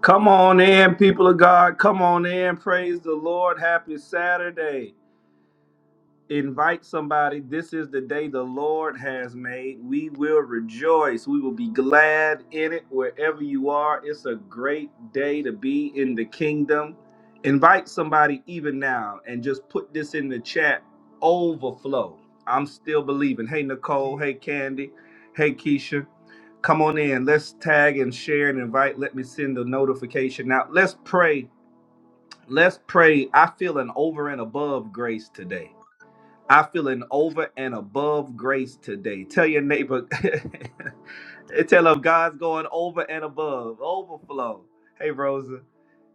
Come on in, people of God. Come on in. Praise the Lord. Happy Saturday invite somebody. This is the day the Lord has made. We will rejoice. We will be glad in it wherever you are. It's a great day to be in the kingdom. Invite somebody even now and just put this in the chat overflow. I'm still believing. Hey, Nicole. Hey, Candy. Hey, Keisha. Come on in. Let's tag and share and invite. Let me send the notification out. Let's pray. Let's pray. I feel an over and above grace today. I feel an over and above grace today. Tell your neighbor, tell them God's going over and above, overflow. Hey, Rosa.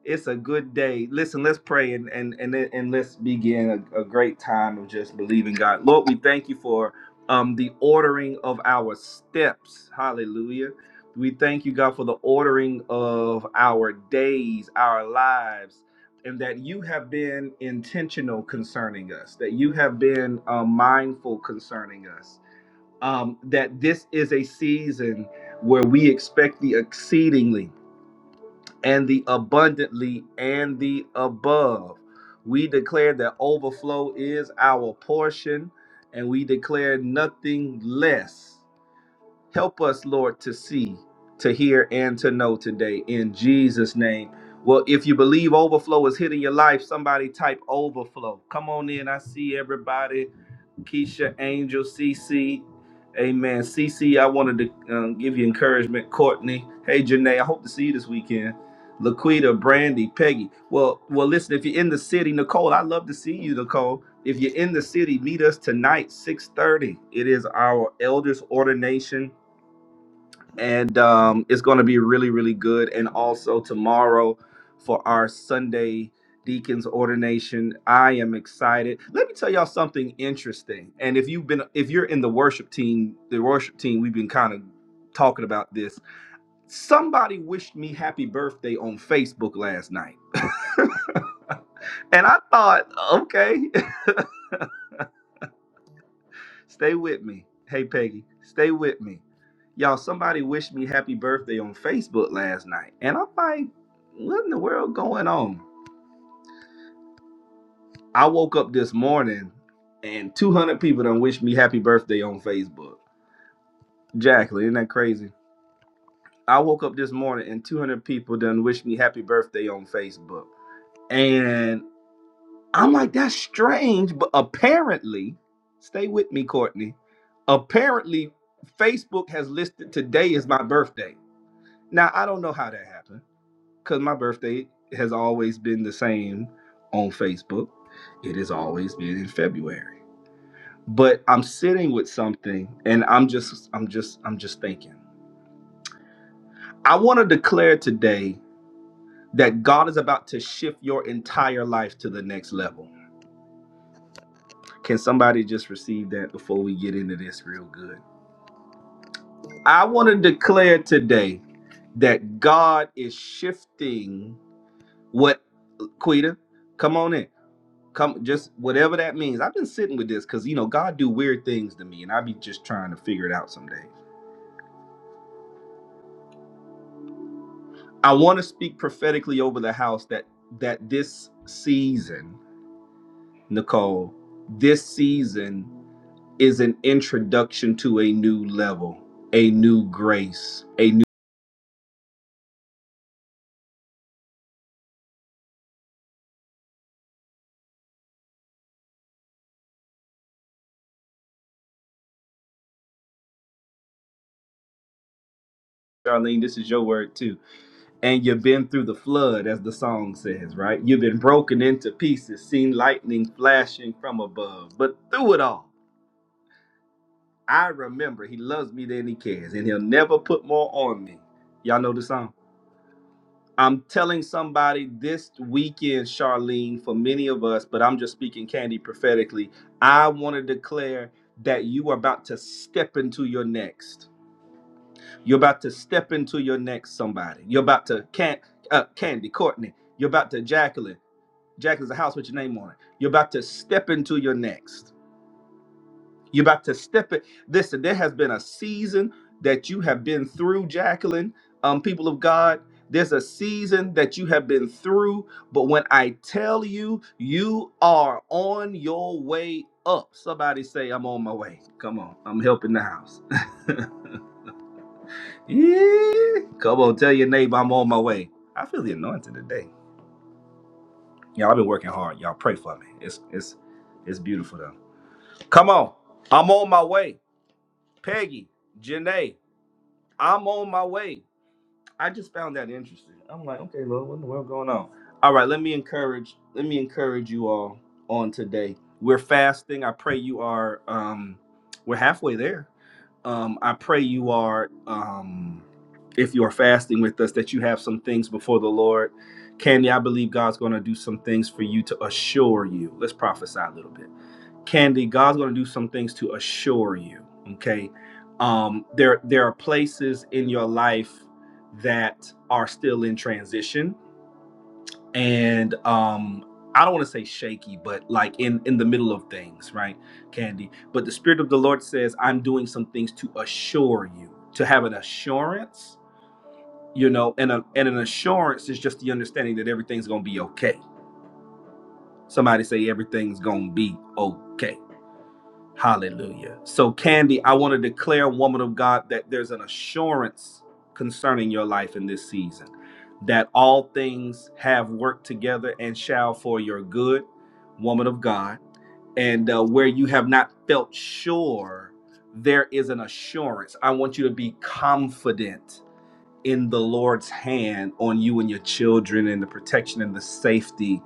It's a good day. Listen, let's pray and and and, and let's begin a, a great time of just believing God. Lord, we thank you for um the ordering of our steps. Hallelujah. We thank you, God, for the ordering of our days, our lives, and that you have been intentional concerning us, that you have been uh, mindful concerning us, um, that this is a season where we expect the exceedingly and the abundantly and the above. We declare that overflow is our portion and we declare nothing less. Help us, Lord, to see, to hear, and to know today in Jesus' name. Well, if you believe overflow is hitting your life, somebody type overflow. Come on in. I see everybody. Keisha, Angel, CC. Amen. CC, I wanted to um, give you encouragement. Courtney, hey Janae, I hope to see you this weekend. Laquita, Brandy, Peggy. Well, well, listen. If you're in the city, Nicole, I love to see you, Nicole. If you're in the city, meet us tonight, 6:30. It is our elders ordination and um, it's going to be really really good and also tomorrow for our sunday deacons ordination i am excited let me tell y'all something interesting and if you've been if you're in the worship team the worship team we've been kind of talking about this somebody wished me happy birthday on facebook last night and i thought okay Stay with me. Hey, Peggy, stay with me. Y'all, somebody wished me happy birthday on Facebook last night. And I'm like, what in the world going on? I woke up this morning and 200 people done wished me happy birthday on Facebook. Jacqueline, isn't that crazy? I woke up this morning and 200 people done wished me happy birthday on Facebook. And I'm like, that's strange. But apparently, stay with me, Courtney. Apparently, Facebook has listed today as my birthday. Now I don't know how that happened because my birthday has always been the same on Facebook. It has always been in February. But I'm sitting with something, and I'm just, I'm just, I'm just thinking. I want to declare today that God is about to shift your entire life to the next level. Can somebody just receive that before we get into this real good? I want to declare today that God is shifting what Quita, come on in. come just whatever that means i've been sitting with this because you know god do weird things to me and i be just trying to figure it out someday i want to speak prophetically over the house that that this season nicole this season is an introduction to a new level a new grace a new charlene this is your word too and you've been through the flood as the song says right you've been broken into pieces seen lightning flashing from above but through it all I remember he loves me than he cares, and he'll never put more on me. Y'all know the song. I'm telling somebody this weekend, Charlene, for many of us, but I'm just speaking candy prophetically. I want to declare that you are about to step into your next. You're about to step into your next somebody. You're about to can uh, Candy, Courtney. You're about to Jacqueline. Jacqueline's a house with your name on it. You're about to step into your next. You're about to step it. Listen, there has been a season that you have been through, Jacqueline, um, people of God. There's a season that you have been through, but when I tell you, you are on your way up. Somebody say, I'm on my way. Come on, I'm helping the house. yeah. Come on, tell your neighbor I'm on my way. I feel the anointing today. Y'all, I've been working hard. Y'all pray for me. It's it's it's beautiful though. Come on. I'm on my way. Peggy, Janae, I'm on my way. I just found that interesting. I'm like, okay, Lord, what in the world going on? All right, let me encourage. Let me encourage you all on today. We're fasting. I pray you are. Um, we're halfway there. Um, I pray you are. Um, if you are fasting with us, that you have some things before the Lord. Candy, I believe God's going to do some things for you to assure you. Let's prophesy a little bit. Candy, God's going to do some things to assure you. Okay, um, there there are places in your life that are still in transition, and um, I don't want to say shaky, but like in in the middle of things, right, Candy? But the Spirit of the Lord says, "I'm doing some things to assure you, to have an assurance." You know, and a, and an assurance is just the understanding that everything's going to be okay. Somebody say everything's going to be okay Hallelujah. So, Candy, I want to declare, woman of God, that there's an assurance concerning your life in this season that all things have worked together and shall for your good, woman of God. And uh, where you have not felt sure, there is an assurance. I want you to be confident in the Lord's hand on you and your children and the protection and the safety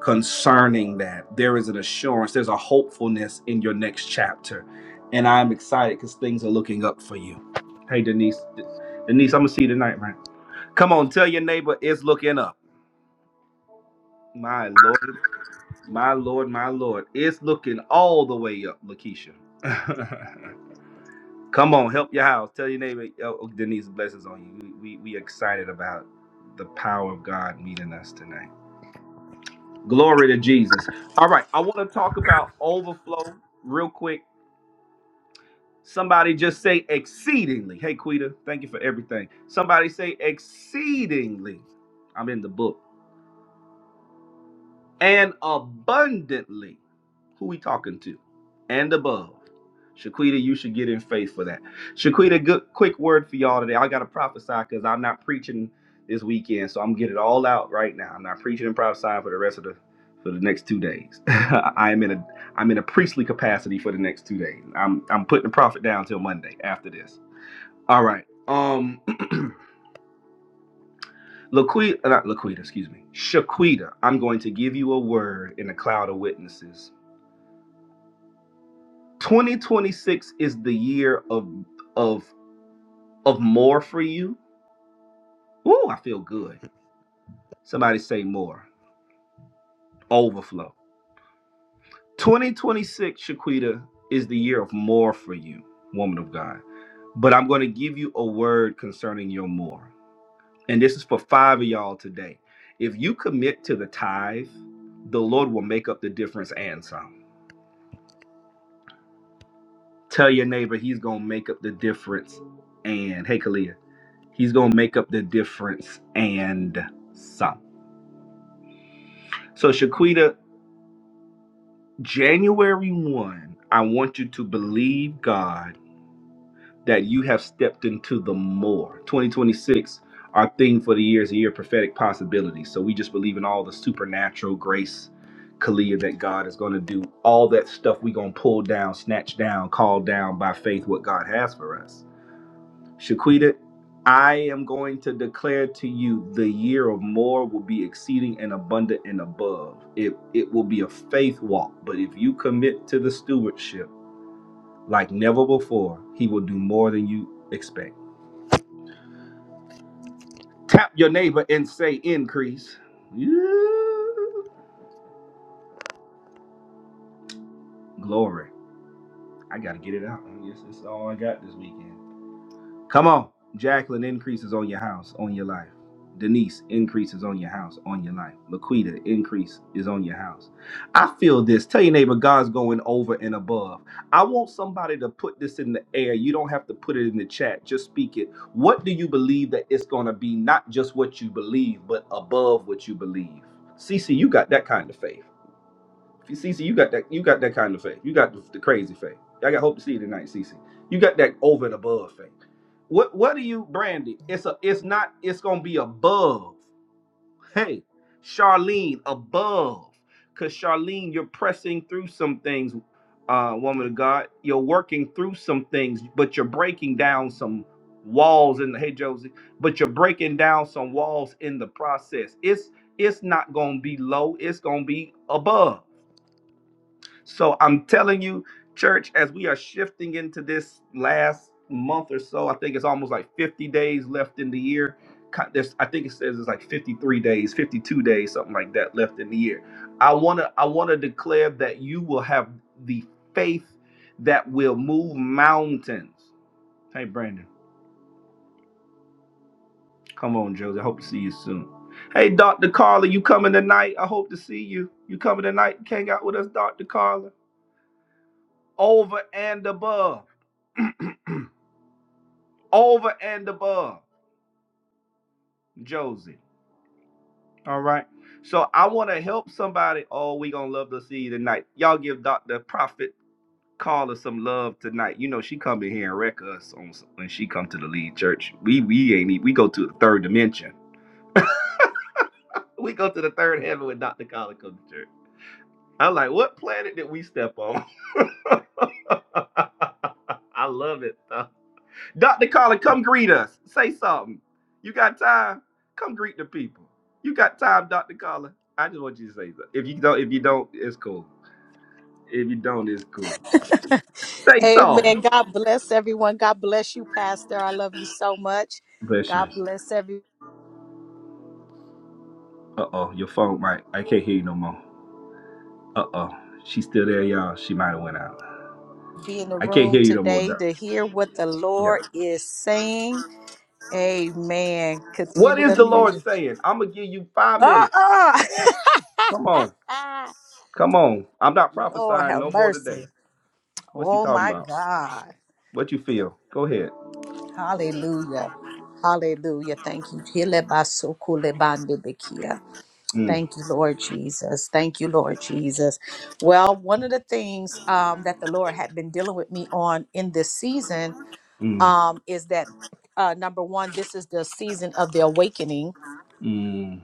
concerning that. There is an assurance, there's a hopefulness in your next chapter. And I'm excited because things are looking up for you. Hey, Denise. Denise, I'm going to see you tonight, man. Come on, tell your neighbor it's looking up. My Lord, my Lord, my Lord. It's looking all the way up, Lakeisha. Come on, help your house. Tell your neighbor, oh, oh, Denise, blessings on you. We, we, we excited about the power of God meeting us tonight. Glory to Jesus. All right, I want to talk about overflow real quick. Somebody just say exceedingly. Hey, Quita, thank you for everything. Somebody say exceedingly. I'm in the book. and abundantly. Who we talking to? And above. Shaquita, you should get in faith for that. Shaquita, good quick word for y'all today. I gotta prophesy because I'm not preaching this weekend, so I'm getting it all out right now. I'm not preaching and prophesying for the rest of the for the next two days. I am in a I'm in a priestly capacity for the next two days. I'm I'm putting the prophet down till Monday after this. All right. Um Laquita, not Laquita, excuse me. Shaquita, I'm going to give you a word in a cloud of witnesses 2026 is the year of of of more for you. Ooh, I feel good. Somebody say more. Overflow. 2026, Shaquita, is the year of more for you, woman of God. But I'm going to give you a word concerning your more. And this is for five of y'all today. If you commit to the tithe, the Lord will make up the difference and some. Tell your neighbor he's going to make up the difference and, hey, Kalia. He's gonna make up the difference and some. So Shaquita, January one, I want you to believe God that you have stepped into the more. 2026, our theme for the year is a year of prophetic possibilities. So we just believe in all the supernatural grace, Kalia, that God is gonna do. All that stuff we gonna pull down, snatch down, call down by faith what God has for us. Shaquita, I am going to declare to you the year of more will be exceeding and abundant and above. It it will be a faith walk, but if you commit to the stewardship like never before, he will do more than you expect. Tap your neighbor and say increase. Yeah. Glory. I gotta get it out. Yes, that's all I got this weekend. Come on. Jacqueline increases on your house, on your life. Denise increases on your house, on your life. Laquita increase is on your house. I feel this. Tell your neighbor God's going over and above. I want somebody to put this in the air. You don't have to put it in the chat. Just speak it. What do you believe that it's going to be? Not just what you believe, but above what you believe. Cece, you got that kind of faith. Cece, you got that. You got that kind of faith. You got the, the crazy faith. I got hope to see you tonight, Cece. You got that over and above faith. What What do you, Brandy? It's a. It's not. It's gonna be above. Hey, Charlene, above. Cause Charlene, you're pressing through some things, uh, woman of God. You're working through some things, but you're breaking down some walls in the. Hey, Josie. But you're breaking down some walls in the process. It's It's not gonna be low. It's gonna be above so I'm telling you, church, as we are shifting into this last month or so, I think it's almost like 50 days left in the year. Ki- There's, I think it says it's like 53 days, 52 days, something like that left in the year. I wanna, I wanna declare that you will have the faith that will move mountains. Hey, Brandon, come on, Josie. I hope to see you soon. Hey, Dr. Carla, you coming tonight? I hope to see you. You coming tonight? Hang out with us, Dr. Carla. Over and above. over and above Josie. All right. So I want to help somebody. Oh, we gonna love to see you tonight. Y'all give Dr. Prophet Carla some love tonight. You know she come in here and wreck us on when she come to the lead church. We we ain't e- we go to the third dimension. We go to the third heaven when Dr. Carla comes to church. I'm like, what planet did we step on? I love it. though. Dr. Carla, come greet us. Say something. You got time? Come greet the people. You got time, Dr. Carla? I just want you to say something. If you don't, if you don't, it's cool. If you don't, it's cool. Say Amen. something. God bless everyone. God bless you, Pastor. I love you so much. Bless you. God bless everyone Uh oh, your phone might. I can't hear you no more. Uh oh, she's still there, y'all. She might have went out. be in the I can't room hear you no more, today Doc. to hear what the Yeah. Lord is saying. Amen. Continue What is the the Lord music. saying? I'm gonna give you five minutes. Uh-uh. Come on, come on. I'm not Lord prophesying have no more mercy. today. What's he Oh talking my about? God. What you feel? Go ahead. Hallelujah. Hallelujah. Thank you. Hele baso kule bande bekia. Mm, Thank you, Lord Jesus. Thank you, Lord Jesus. Well, one of the things um, that the Lord had been dealing with me on in this season mm. um, is that uh, number one, this is the season of the awakening. Mm,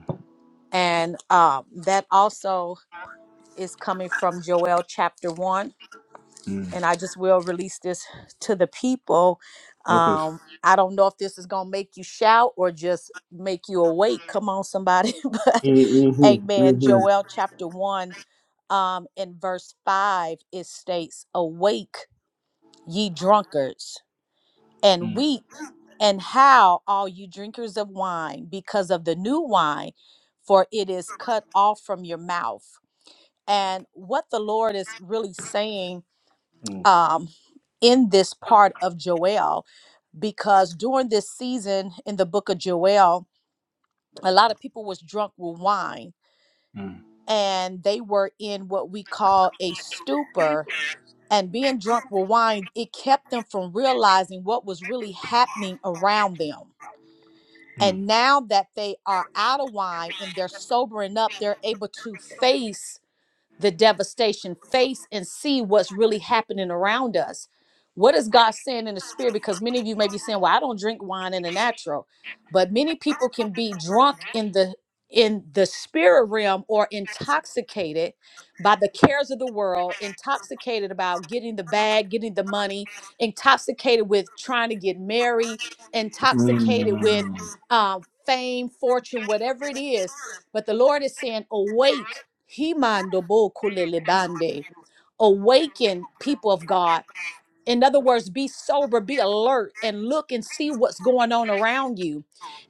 And um, that also is coming from Joel chapter one. mm. And I just will release this to the people. Help Um, I don't know if this is going to make you shout or just make you awake. Come on, somebody. but Mm-hmm. amen. Mm-hmm. Joel chapter one um, in verse 5, it states, Awake, ye drunkards, and weep and howl, all you drinkers of wine, because of the new wine, for it is cut off from your mouth. And what the Lord is really saying Mm, um, in this part of Joel, because during this season in the book of Joel, a lot of people was drunk with wine mm, and they were in what we call a stupor and being drunk with wine, it kept them from realizing what was really happening around them. mm, And now that they are out of wine and they're sobering up, they're able to face the devastation, face and see what's really happening around us. What is God saying in the spirit? Because many of you may be saying, "Well, I don't drink wine in the natural," but many people can be drunk in the in the spirit realm or intoxicated by the cares of the world, intoxicated about getting the bag, getting the money, intoxicated with trying to get married, mm, intoxicated with mm, um, fame, fortune, whatever it is. But the Lord is saying, "Awake." He mando bo kulele bande. Awaken people of God. In other words, be sober, be alert, and look and see what's going on around you.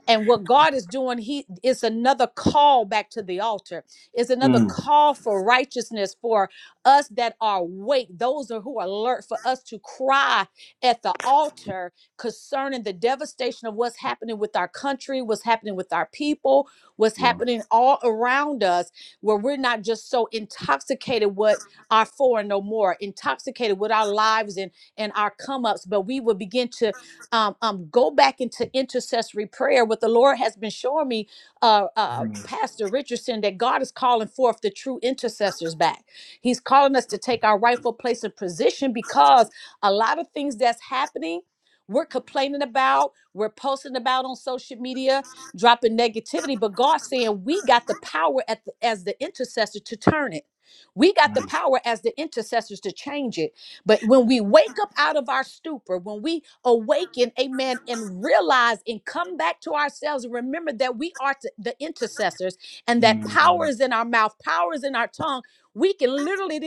And what God is doing, He is another call back to the altar, is another mm. call for righteousness for us that are awake, those are who are alert, for us to cry at the altar concerning the devastation of what's happening with our country, what's happening with our people, what's Well, happening all around us, where we're not just so intoxicated with our for and no more, intoxicated with our lives and and our come ups, but we will begin to um, um, go back into intercessory prayer. What the Lord has been showing me, uh, uh, mm, Pastor Richardson, that God is calling forth the true intercessors back. He's calling us to take our rightful place and position because a lot of things that's happening. We're complaining about, we're posting about on social media, dropping negativity, but God's saying we got the power at the, as the intercessor to turn it. We got the mm, power as the intercessors to change it. But when we wake up out of our stupor, when we awaken, amen, and realize and come back to ourselves and remember that we are t- the intercessors and that power mm. is in our mouth, power is in our tongue, we can literally,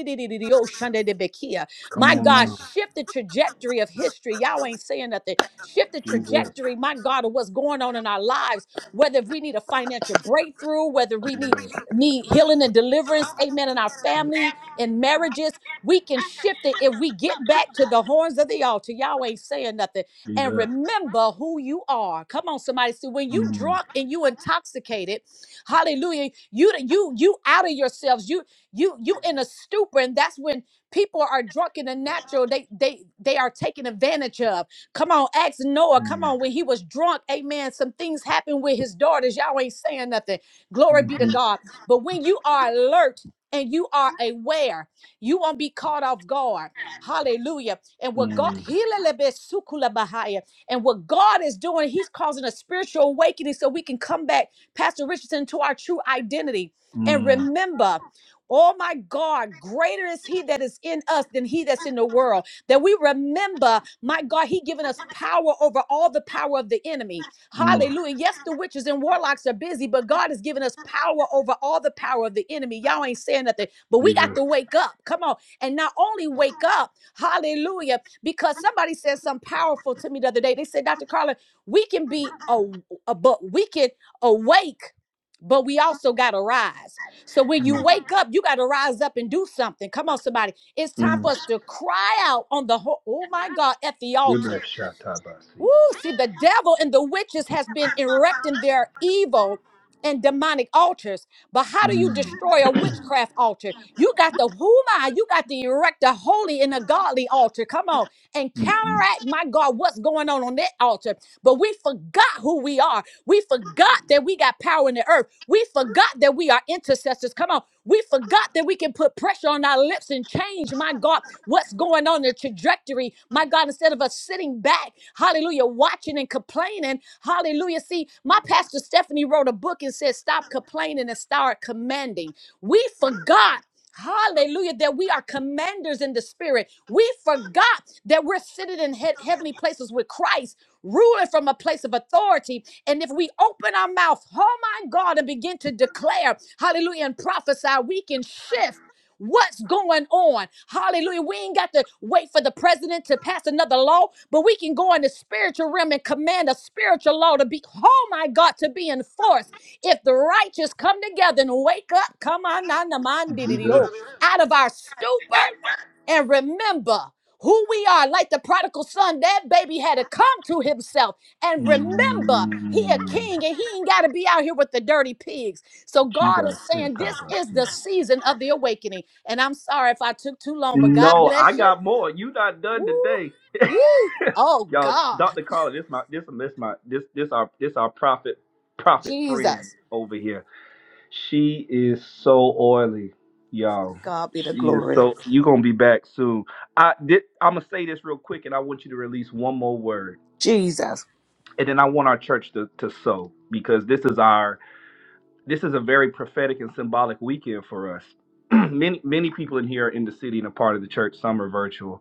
oh, Shanda de Bekia, come my on God, now. shift the trajectory of history. Y'all ain't saying nothing. Shift the Jesus. trajectory, my God, of what's going on in our lives, whether if we need a financial breakthrough, whether we Mm, need, need healing and deliverance, amen, in our family, in marriages we can shift it if we get back to the horns of the altar. Y'all ain't saying nothing. And remember who you are. Come on, somebody. See, when you drunk and you intoxicated, hallelujah, you you you out of yourselves. You you you in a stupor, and that's when people are drunk in the natural. They they they are taken advantage of. Come on, ask Noah. Come on, when he was drunk, amen. Some things happened with his daughters. Y'all ain't saying nothing. Glory be to mm, God. But when you are alert and you are aware. You won't be caught off guard. Hallelujah. And what God mhm, mm, Bahaya. and what God is doing, He's causing a spiritual awakening so we can come back, Pastor Richardson, to our true identity. And mm, remember, oh my God, greater is He that is in us than He that's in the world. That we remember, my God, He given us power over all the power of the enemy. mm. Hallelujah. Yes, the witches and warlocks are busy, but God has given us power over all the power of the enemy. Y'all ain't saying nothing, but we got Jesus. to wake up. Come on. And not only wake up, hallelujah, because somebody said something powerful to me the other day. They said, Dr. Carla, we can be a, a but we can awake. But we also got to rise. So when you Mm, wake up, you got to rise up and do something. Come on, somebody. It's time mm. for us to cry out on the, ho- oh my God, at the altar. Ibashatabasi. Woo, see, the devil and the witches has been erecting their evil and demonic altars. But how do you Mm, destroy a witchcraft altar? You got the huma, you got to erect a holy and a godly altar. Come on. And mm, mm. counteract, my God, what's going on on that altar. But we forgot who we are. We forgot that we got power in the earth. We forgot that we are intercessors. Come on. We forgot that we can put pressure on our lips and change, my God, what's going on, the trajectory, my God, instead of us sitting back, hallelujah, watching and complaining, hallelujah. See, my pastor Stephanie wrote a book and said, Stop complaining and start commanding. We forgot. Hallelujah, that we are commanders in the spirit. We forgot that we're seated in he- heavenly places with Christ, ruling from a place of authority. And if we open our mouth, oh my God, and begin to declare, hallelujah, and prophesy, we can shift what's going on. Hallelujah. We ain't got to wait for the president to pass another law, but we can go in the spiritual realm and command a spiritual law to be, oh my God, to be enforced. If the righteous come together and wake up, come on, na na on, di di di Jesus. oh, out of our stupor and remember who we are like the prodigal son that baby had to come to himself and remember he a Mm, king and he ain't got to be out here with the dirty pigs so God is saying this is Shibasatabasi. the season of the awakening. And I'm sorry if I took too long, but God No, I bless you. got more. You not done Woo. today. You. Oh Y'all, God. Dr. Carla, this my this this my this this our this our prophet prophet friend Jesus. over here. She is so oily, To y'all. God be the She is glory. so you gonna be back soon. I did I'm gonna say this real quick and I want you to release one more word. Jesus. And then I want our church to, to sow because this is our this is a very prophetic and symbolic weekend for us. many many people in here are in the city and a part of the church, some are virtual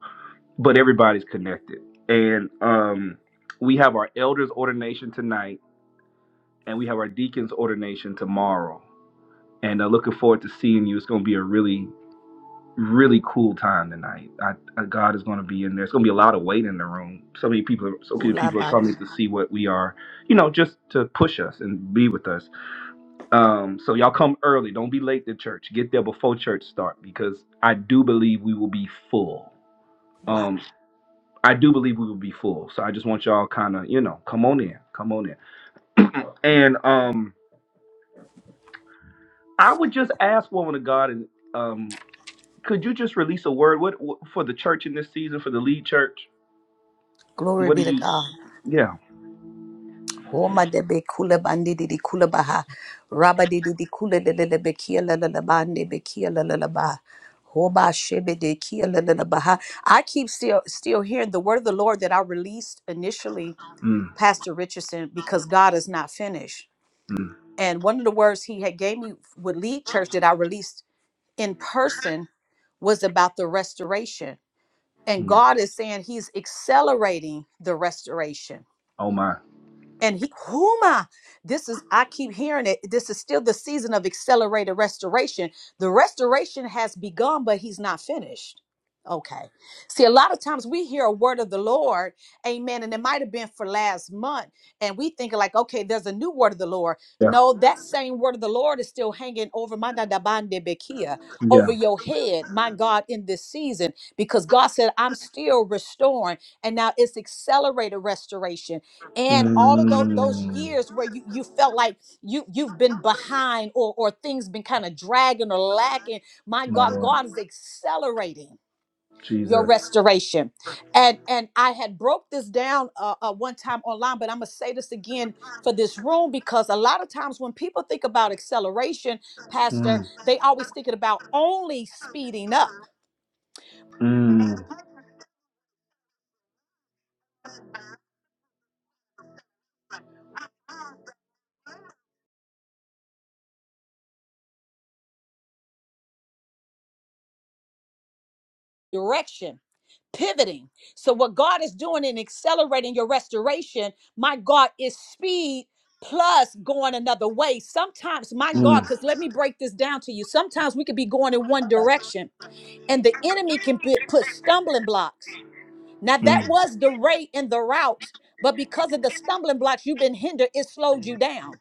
but everybody's connected. And um, we have our elders ordination tonight, and we have our deacons ordination tomorrow. And uh, looking forward to seeing you. It's going to be a really, really cool time tonight. I, I, God is going to be in there. It's going to be a lot of weight in the room. So many people, so many Kula people are ba di- coming to see what we are, you know, just to push us and be with us. Um, so y'all come early. Don't be late to church. Get there before church start because I do believe we will be full. Wow. Um, I do believe we will be full. So I just want y'all kind of, you know, come on in, come on in. And um, I would just ask, woman of God, and um, could you just release a word what, what for the church in this season for the lead church? Glory What do be to you? God. Yeah. Homa de be kula bandi di di kula baha. Raba di di di kula le le le be kia la la la ba ne be kia la la la ba. Hoba shebe de kia la la la baha. I keep still still hearing the word of the Lord that I released initially Mm, Pastor Richardson because God is not finished. mm, And one of the words he had gave me with lead church that I released in person was about the restoration. And mm. God is saying he's accelerating the restoration Oh my. and he huma this is i keep hearing it this is still the season of accelerated restoration the restoration has begun but he's not finished okay see a lot of times we hear a word of the lord amen and it might have been for last month and we think like okay there's a new word of the lord Yeah. no that same word of the lord is still hanging over my dadabande bekia over Yeah. your head my god in this season because god said i'm still restoring and now it's accelerated restoration and all of those those Mm, years where you you felt like you you've been behind or or things been kind of dragging or lacking my my god Lord, god is accelerating your Jesus. restoration and and i had broke this down uh, uh one time online but i'm gonna say this again for this room because a lot of times when people think about acceleration pastor Mm, they always thinking about only speeding up mm, direction, pivoting. So, what God is doing in accelerating your restoration, my God, is speed plus going another way. Sometimes, my God, mm, because let me break this down to you. Sometimes we could be going in one direction, and the enemy can put put stumbling blocks. Now, that mm, was the rate and the route, but because of the stumbling blocks you've been hindered, it slowed you down.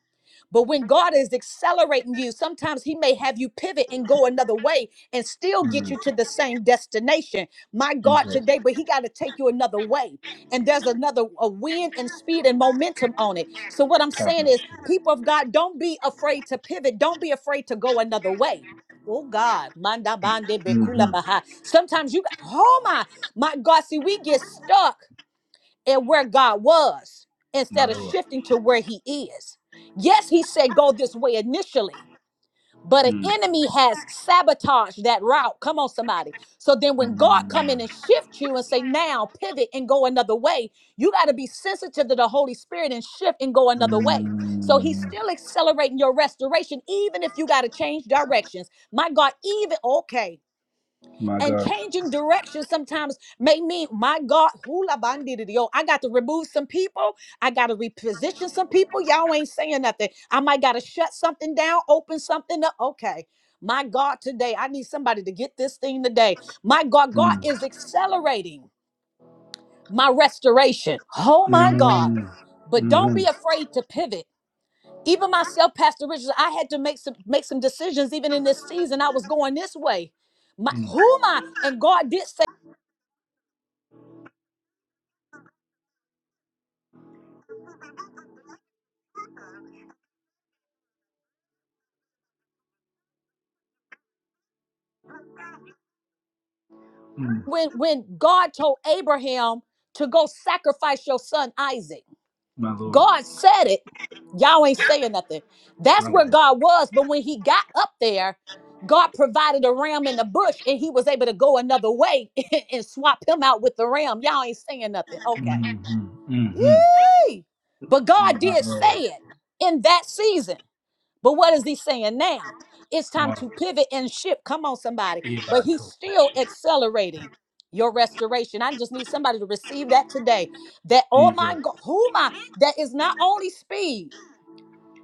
But when God is accelerating you, sometimes He may have you pivot and go another way and still get mm. you to the same destination. My God, Jesus. today, but He got to take you another way. And there's another a wind and speed and momentum on it. So, what I'm Have saying mercy. is, people of God, don't be afraid to pivot, don't be afraid to go another way. Oh God, manda bande bekula baha. Mhm. Sometimes you got, oh my, my God, see, we get stuck and where God was My instead of Lord. shifting to where he is. Yes, he said go this way initially, but an Mm. enemy has sabotaged that route. Come on somebody. So then when God come in Mm. and shift you and say now pivot and go another way, you got to be sensitive to the Holy Spirit and shift and go another way. So he's Mm. still accelerating your restoration even if you got to change directions. My God, even okay. My And God. changing direction sometimes may mean, my God, hula bandidio. I got to remove some people. I got to reposition some people. Y'all ain't saying nothing. I might got to shut something down, open something up. Okay. My God, today, I need somebody to get this thing today. My God, God Mm. is accelerating my restoration. Oh, my God. Mm. But don't Mm-hmm. be afraid to pivot. Even myself, Pastor Richards, I had to make some make some decisions even in this season. I was going this way. My Mm. who am I? And God did say. Mm. when when God told Abraham to go sacrifice your son Isaac. My Lord. God said it. Y'all ain't saying nothing. That's My where Lord. God was, but when he got up there, God provided a ram in the bush and he was able to go another way and swap him out with the ram. Y'all ain't saying nothing. Okay. Mm-hmm. Mm-hmm. Yee. But God My did say Lord. it in that season. But what is he saying now? It's time Wow. to pivot and shift. Come on, somebody. But he's still Ibatoshi. accelerating your restoration. I just need somebody to receive that today. That, oh Jesus. my God, who am I? That is not only speed.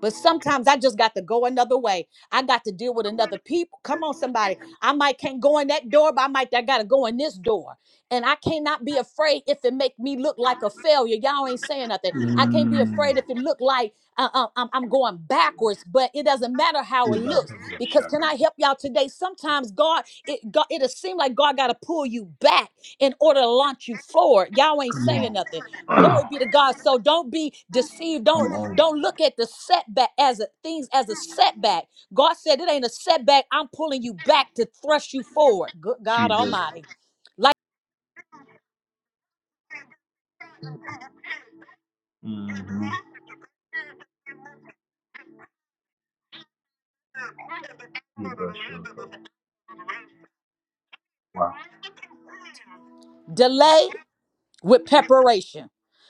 But sometimes I just got to go another way. I got to deal with another people. Come on, somebody. I might can't go in that door, but I might I gotta go in this door. And I cannot be afraid if it make me look like a failure. Y'all ain't saying nothing. I can't be Mm. afraid if it look like uh, uh, I'm, I'm going backwards. But it doesn't matter how it looks because Ibatosha. can I help y'all today? Sometimes God, it God, it'll seem like God gotta pull you back in order to launch you forward. Y'all ain't Come saying nothing. on. Glory be to God. So don't be deceived. Don't Come on. don't look at the setback as a things as a setback. God said it ain't a setback. I'm pulling you back to thrust you forward. Good God Jesus. Almighty. Like Mm-hmm. Ibato. Wow. delay with preparation.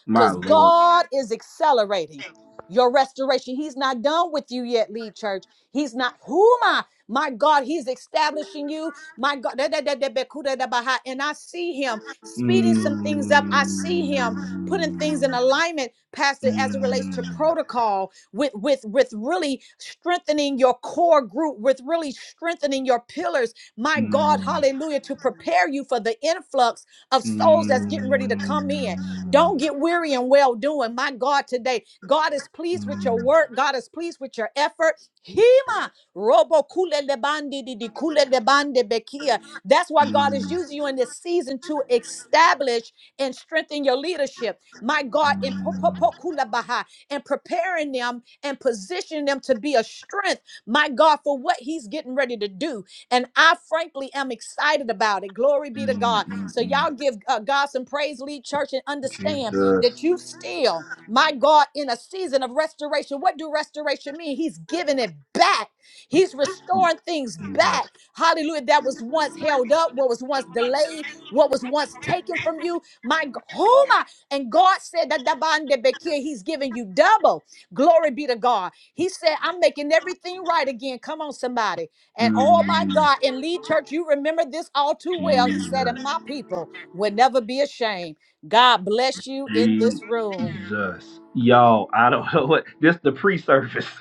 My because lord. God is accelerating your restoration. He's not done with you yet, lead church. He's not who am I? my God, He's establishing you. My God, da- da- da- da- be- kuda- da- baha. and I see Him speeding Mm. some things up. I see Him putting things in alignment, Pastor, as it relates to Mm. protocol, with with with really strengthening your core group, with really strengthening your pillars. My God, Mm. Hallelujah, to prepare you for the influx of Mm. souls that's getting ready Mm. to come in. Don't get weary in well doing. My God, today, God is pleased with Mm. your work. God is pleased with your effort. Hima robo kule lebandi di di kule lebande bekia. That's why God is using you in this season to establish and strengthen your leadership. My God, in po- po- po- kula baha, and preparing them and positioning them to be a strength. My God, for what He's getting ready to do. And I frankly am excited about it. Glory Mm, be to mm, God. mm, So y'all mm. give uh, God some praise, lead church, and understand Jesus, that you still, my God, in a season of restoration. What do restoration mean? He's giving it back. He's restoring things back. Jesus, Hallelujah. That was once held up, what was once delayed, what was once taken from you. My g- who my and God said that Dabande Bekir, He's giving you double. Glory be to God. He said, I'm making everything right again. Come on, somebody. And oh my mm, God, in Lead Church, you remember this all too well. He said, Jesus, And my people will never be ashamed. God bless you in this room. Jesus. Y'all, I don't know what this the pre-service.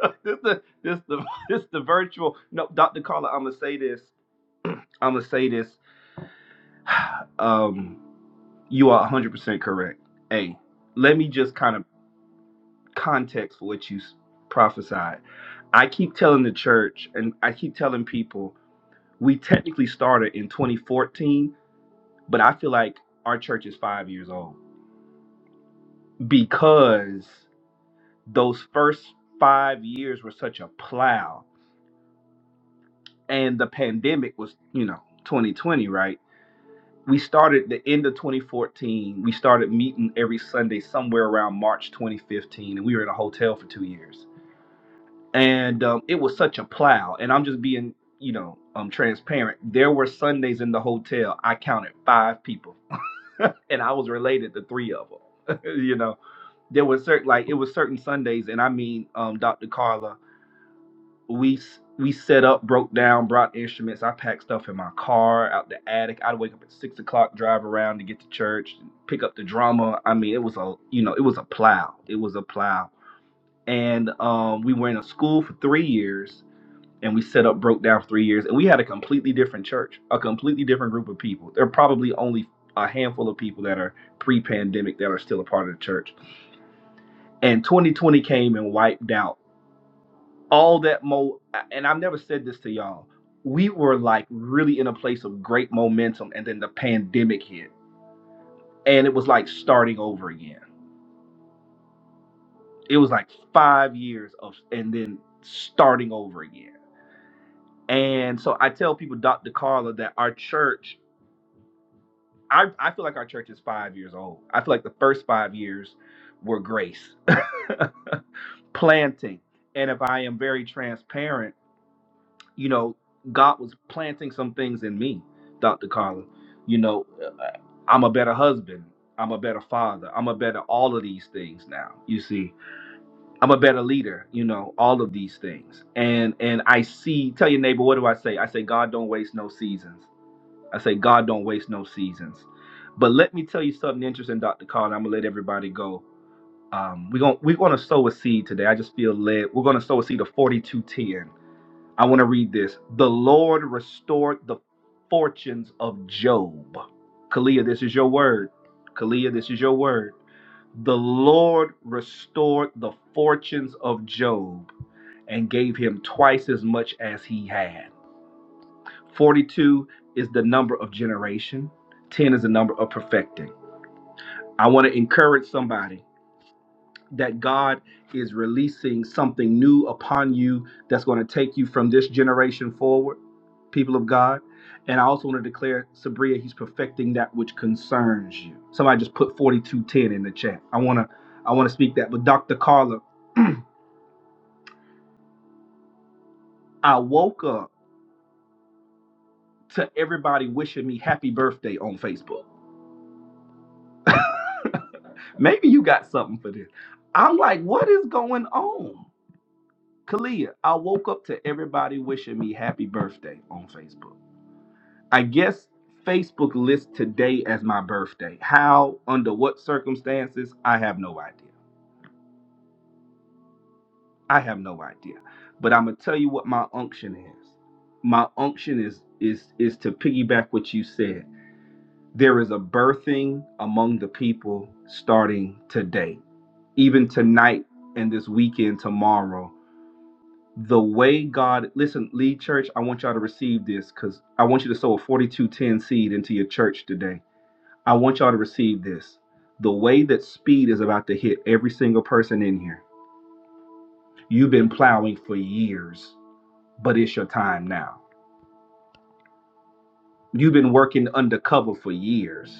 this the this the this the virtual. No, Dr. Carla, I'm gonna say this. I'm gonna say this. Um, you are 100% correct. Hey, let me just kind of context for what you s- prophesied. I keep telling the church, and I keep telling people, we technically started in 2014, but I feel like our church is five years old because those first five years were such a plow, and the pandemic was, you know, 2020, right? we started the end of 2014. We started meeting every Sunday somewhere around March 2015, and we were in a hotel for two years. And um, it was such a plow. And I'm just being, you know, um, transparent. There were Sundays in the hotel. I counted five people, and I was related to three of them. you know, there were certain like it was certain Sundays, and I mean, um, Dr. Carla we we set up, broke down, brought instruments. I packed stuff in my car out the attic. I'd wake up at six o'clock, drive around to get to church, pick up the drama. I mean, it was a you know it was a plow. It was a plow. And um, we were in a school for three years, and we set up, broke down for three years, and we had a completely different church, a completely different group of people. There are probably only a handful of people that are pre-pandemic that are still a part of the church. And 2020 came and wiped out all that mo and I've never said this to y'all. We were like really in a place of great momentum and then the pandemic hit and it was like starting over again. It was like 5 years of and then starting over again. And so I tell people Dr. Carla that our church I I feel like our church is 5 years old. I feel like the first 5 years were grace, planting. And if I am very transparent you know, God was planting some things in me, Dr. Carla. You know, uh, I'm a better husband. I'm a better father. I'm a better all of these things now. You see, I'm a better leader. You know, all of these things. And and I see. Tell your neighbor, what do I say? I say, God don't waste no seasons. I say, God don't waste no seasons. But let me tell you something interesting, Dr. Carla. I'm gonna let everybody go. Um, we're gonna we're gonna sow a seed today. I just feel led. We're gonna sow a seed of 4210. I want to read this. The Lord restored the fortunes of Job. Kalia, this is your word. Kalia, this is your word. The Lord restored the fortunes of Job and gave him twice as much as he had. 42 is the number of generation, 10 is the number of perfecting. I want to encourage somebody. that God is releasing something new upon you that's going to take you from this generation forward, people of God. And I also want to declare, Sabria, He's perfecting that which concerns you. Somebody just put 4210 in the chat. I want to, I want to speak that. But Dr. Carla, I woke up to everybody wishing me happy birthday on Facebook. Maybe you got something for this. I'm like, what is going on? Kalia, I woke up to everybody wishing me happy birthday on Facebook. I guess Facebook lists today as my birthday. How, under what circumstances, I have no idea. I have no idea. But I'm gonna tell you what my unction is. My unction is is is to piggyback what you said. There is a birthing among the people starting today, even tonight and this weekend tomorrow the way God listen, lead church, I want y'all to receive this because I want you to sow a 4210 seed into your church today. I want y'all to receive this. The way that speed is about to hit every single person in here. You've been plowing for years, but it's your time now. You've been working undercover for years,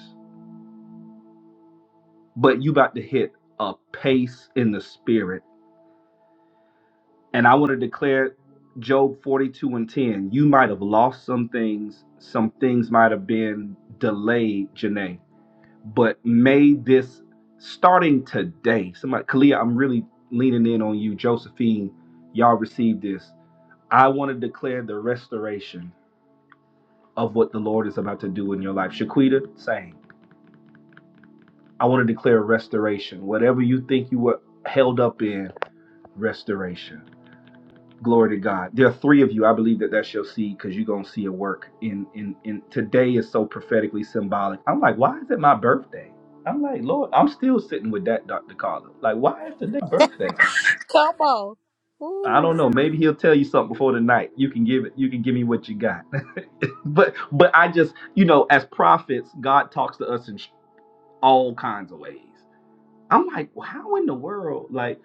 but you about to hit a pace in the spirit. And I want to declare Job 42 and 10. You might have lost some things, some things might have been delayed, Janae but may this starting today somebody kalia i'm really leaning in on you josephine y'all received this i want to declare the restoration of what the lord is about to do in your life shaquita same i want to declare restoration whatever you think you were held up in restoration Glory to God. There are three of you. I believe that that's your seed because you're gonna see it work. In in in today is so prophetically symbolic. I'm like, why is it my birthday? I'm like, Lord, I'm still sitting with that, Dr. Carla. Like, why is today my birthday? Come on. I Ooh. don't know. Maybe he'll tell you something before the night. You can give it. You can give me what you got. but but I just you know, as prophets, God talks to us in sh- all kinds of ways. I'm like, well, how in the world? Like,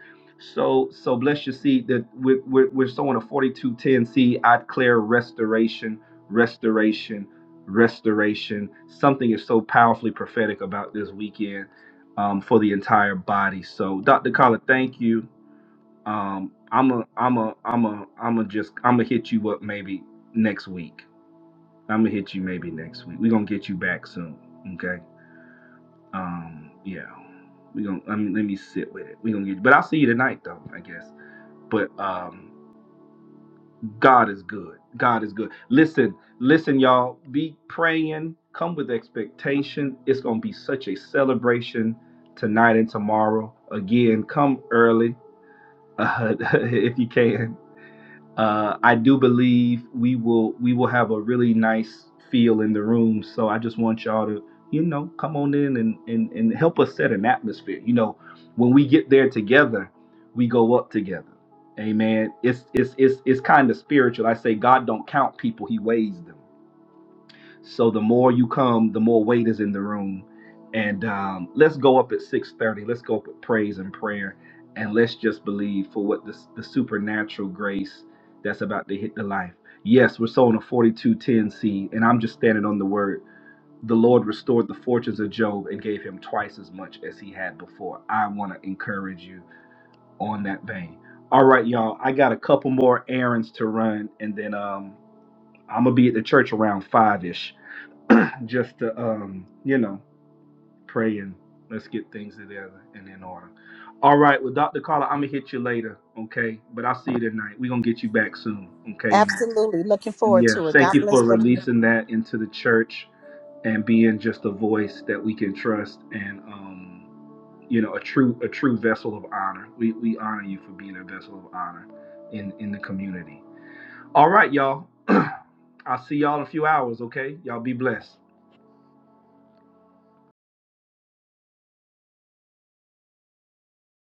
so so bless your seed that we're, we're, we're sowing a 4210 seed. I declare restoration, restoration, restoration. Something is so powerfully prophetic about this weekend um, for the entire body. So Dr. Collar, thank you. Um, I'm a I'm a I'm a I'm a just I'm gonna hit you up maybe next week. I'm gonna hit you maybe next week. We're gonna get you back soon. Okay. Um, yeah. We gonna I mean let me sit with it. We gonna get but I'll see you tonight though, I guess. But um God is good. God is good. Listen, listen, y'all. Be praying. Come with expectation. It's gonna be such a celebration tonight and tomorrow. Again, come early uh, if you can. Uh, I do believe we will we will have a really nice feel in the room. So I just want y'all to you know come on in and and, and help us set an atmosphere. You know, when we get there together, we go up together. Amen. It's it's it's it's kind of spiritual. I say God don't count people; He weighs them. So the more you come, the more weight is in the room. And um, let's go up at 6:30. Let's go up with praise and prayer, and let's just believe for what this, the supernatural grace that's about to hit the life. Yes, we're sowing a 42:10 seed, and I'm just standing on the word. The Lord restored the fortunes of Job and gave him twice as much as he had before. I want to encourage you on that vein. All right, y'all. I got a couple more errands to run, and then um, I'm gonna be at the church around five ish just to um, you know, pray and let's get things together and in order. All right, well, Dr. Carla, I'm gonna hit you later, okay? But I'll see you tonight. We're gonna get you back soon, okay? Absolutely. Looking And forward yeah, to it. thank God you for bless everyone. releasing that into the church and being just a voice that we can trust and um, you know, a true a true vessel of honor. We we honor you for being a vessel of honor in in the community. All right, y'all. I'll see y'all in a few hours, okay? Y'all be blessed.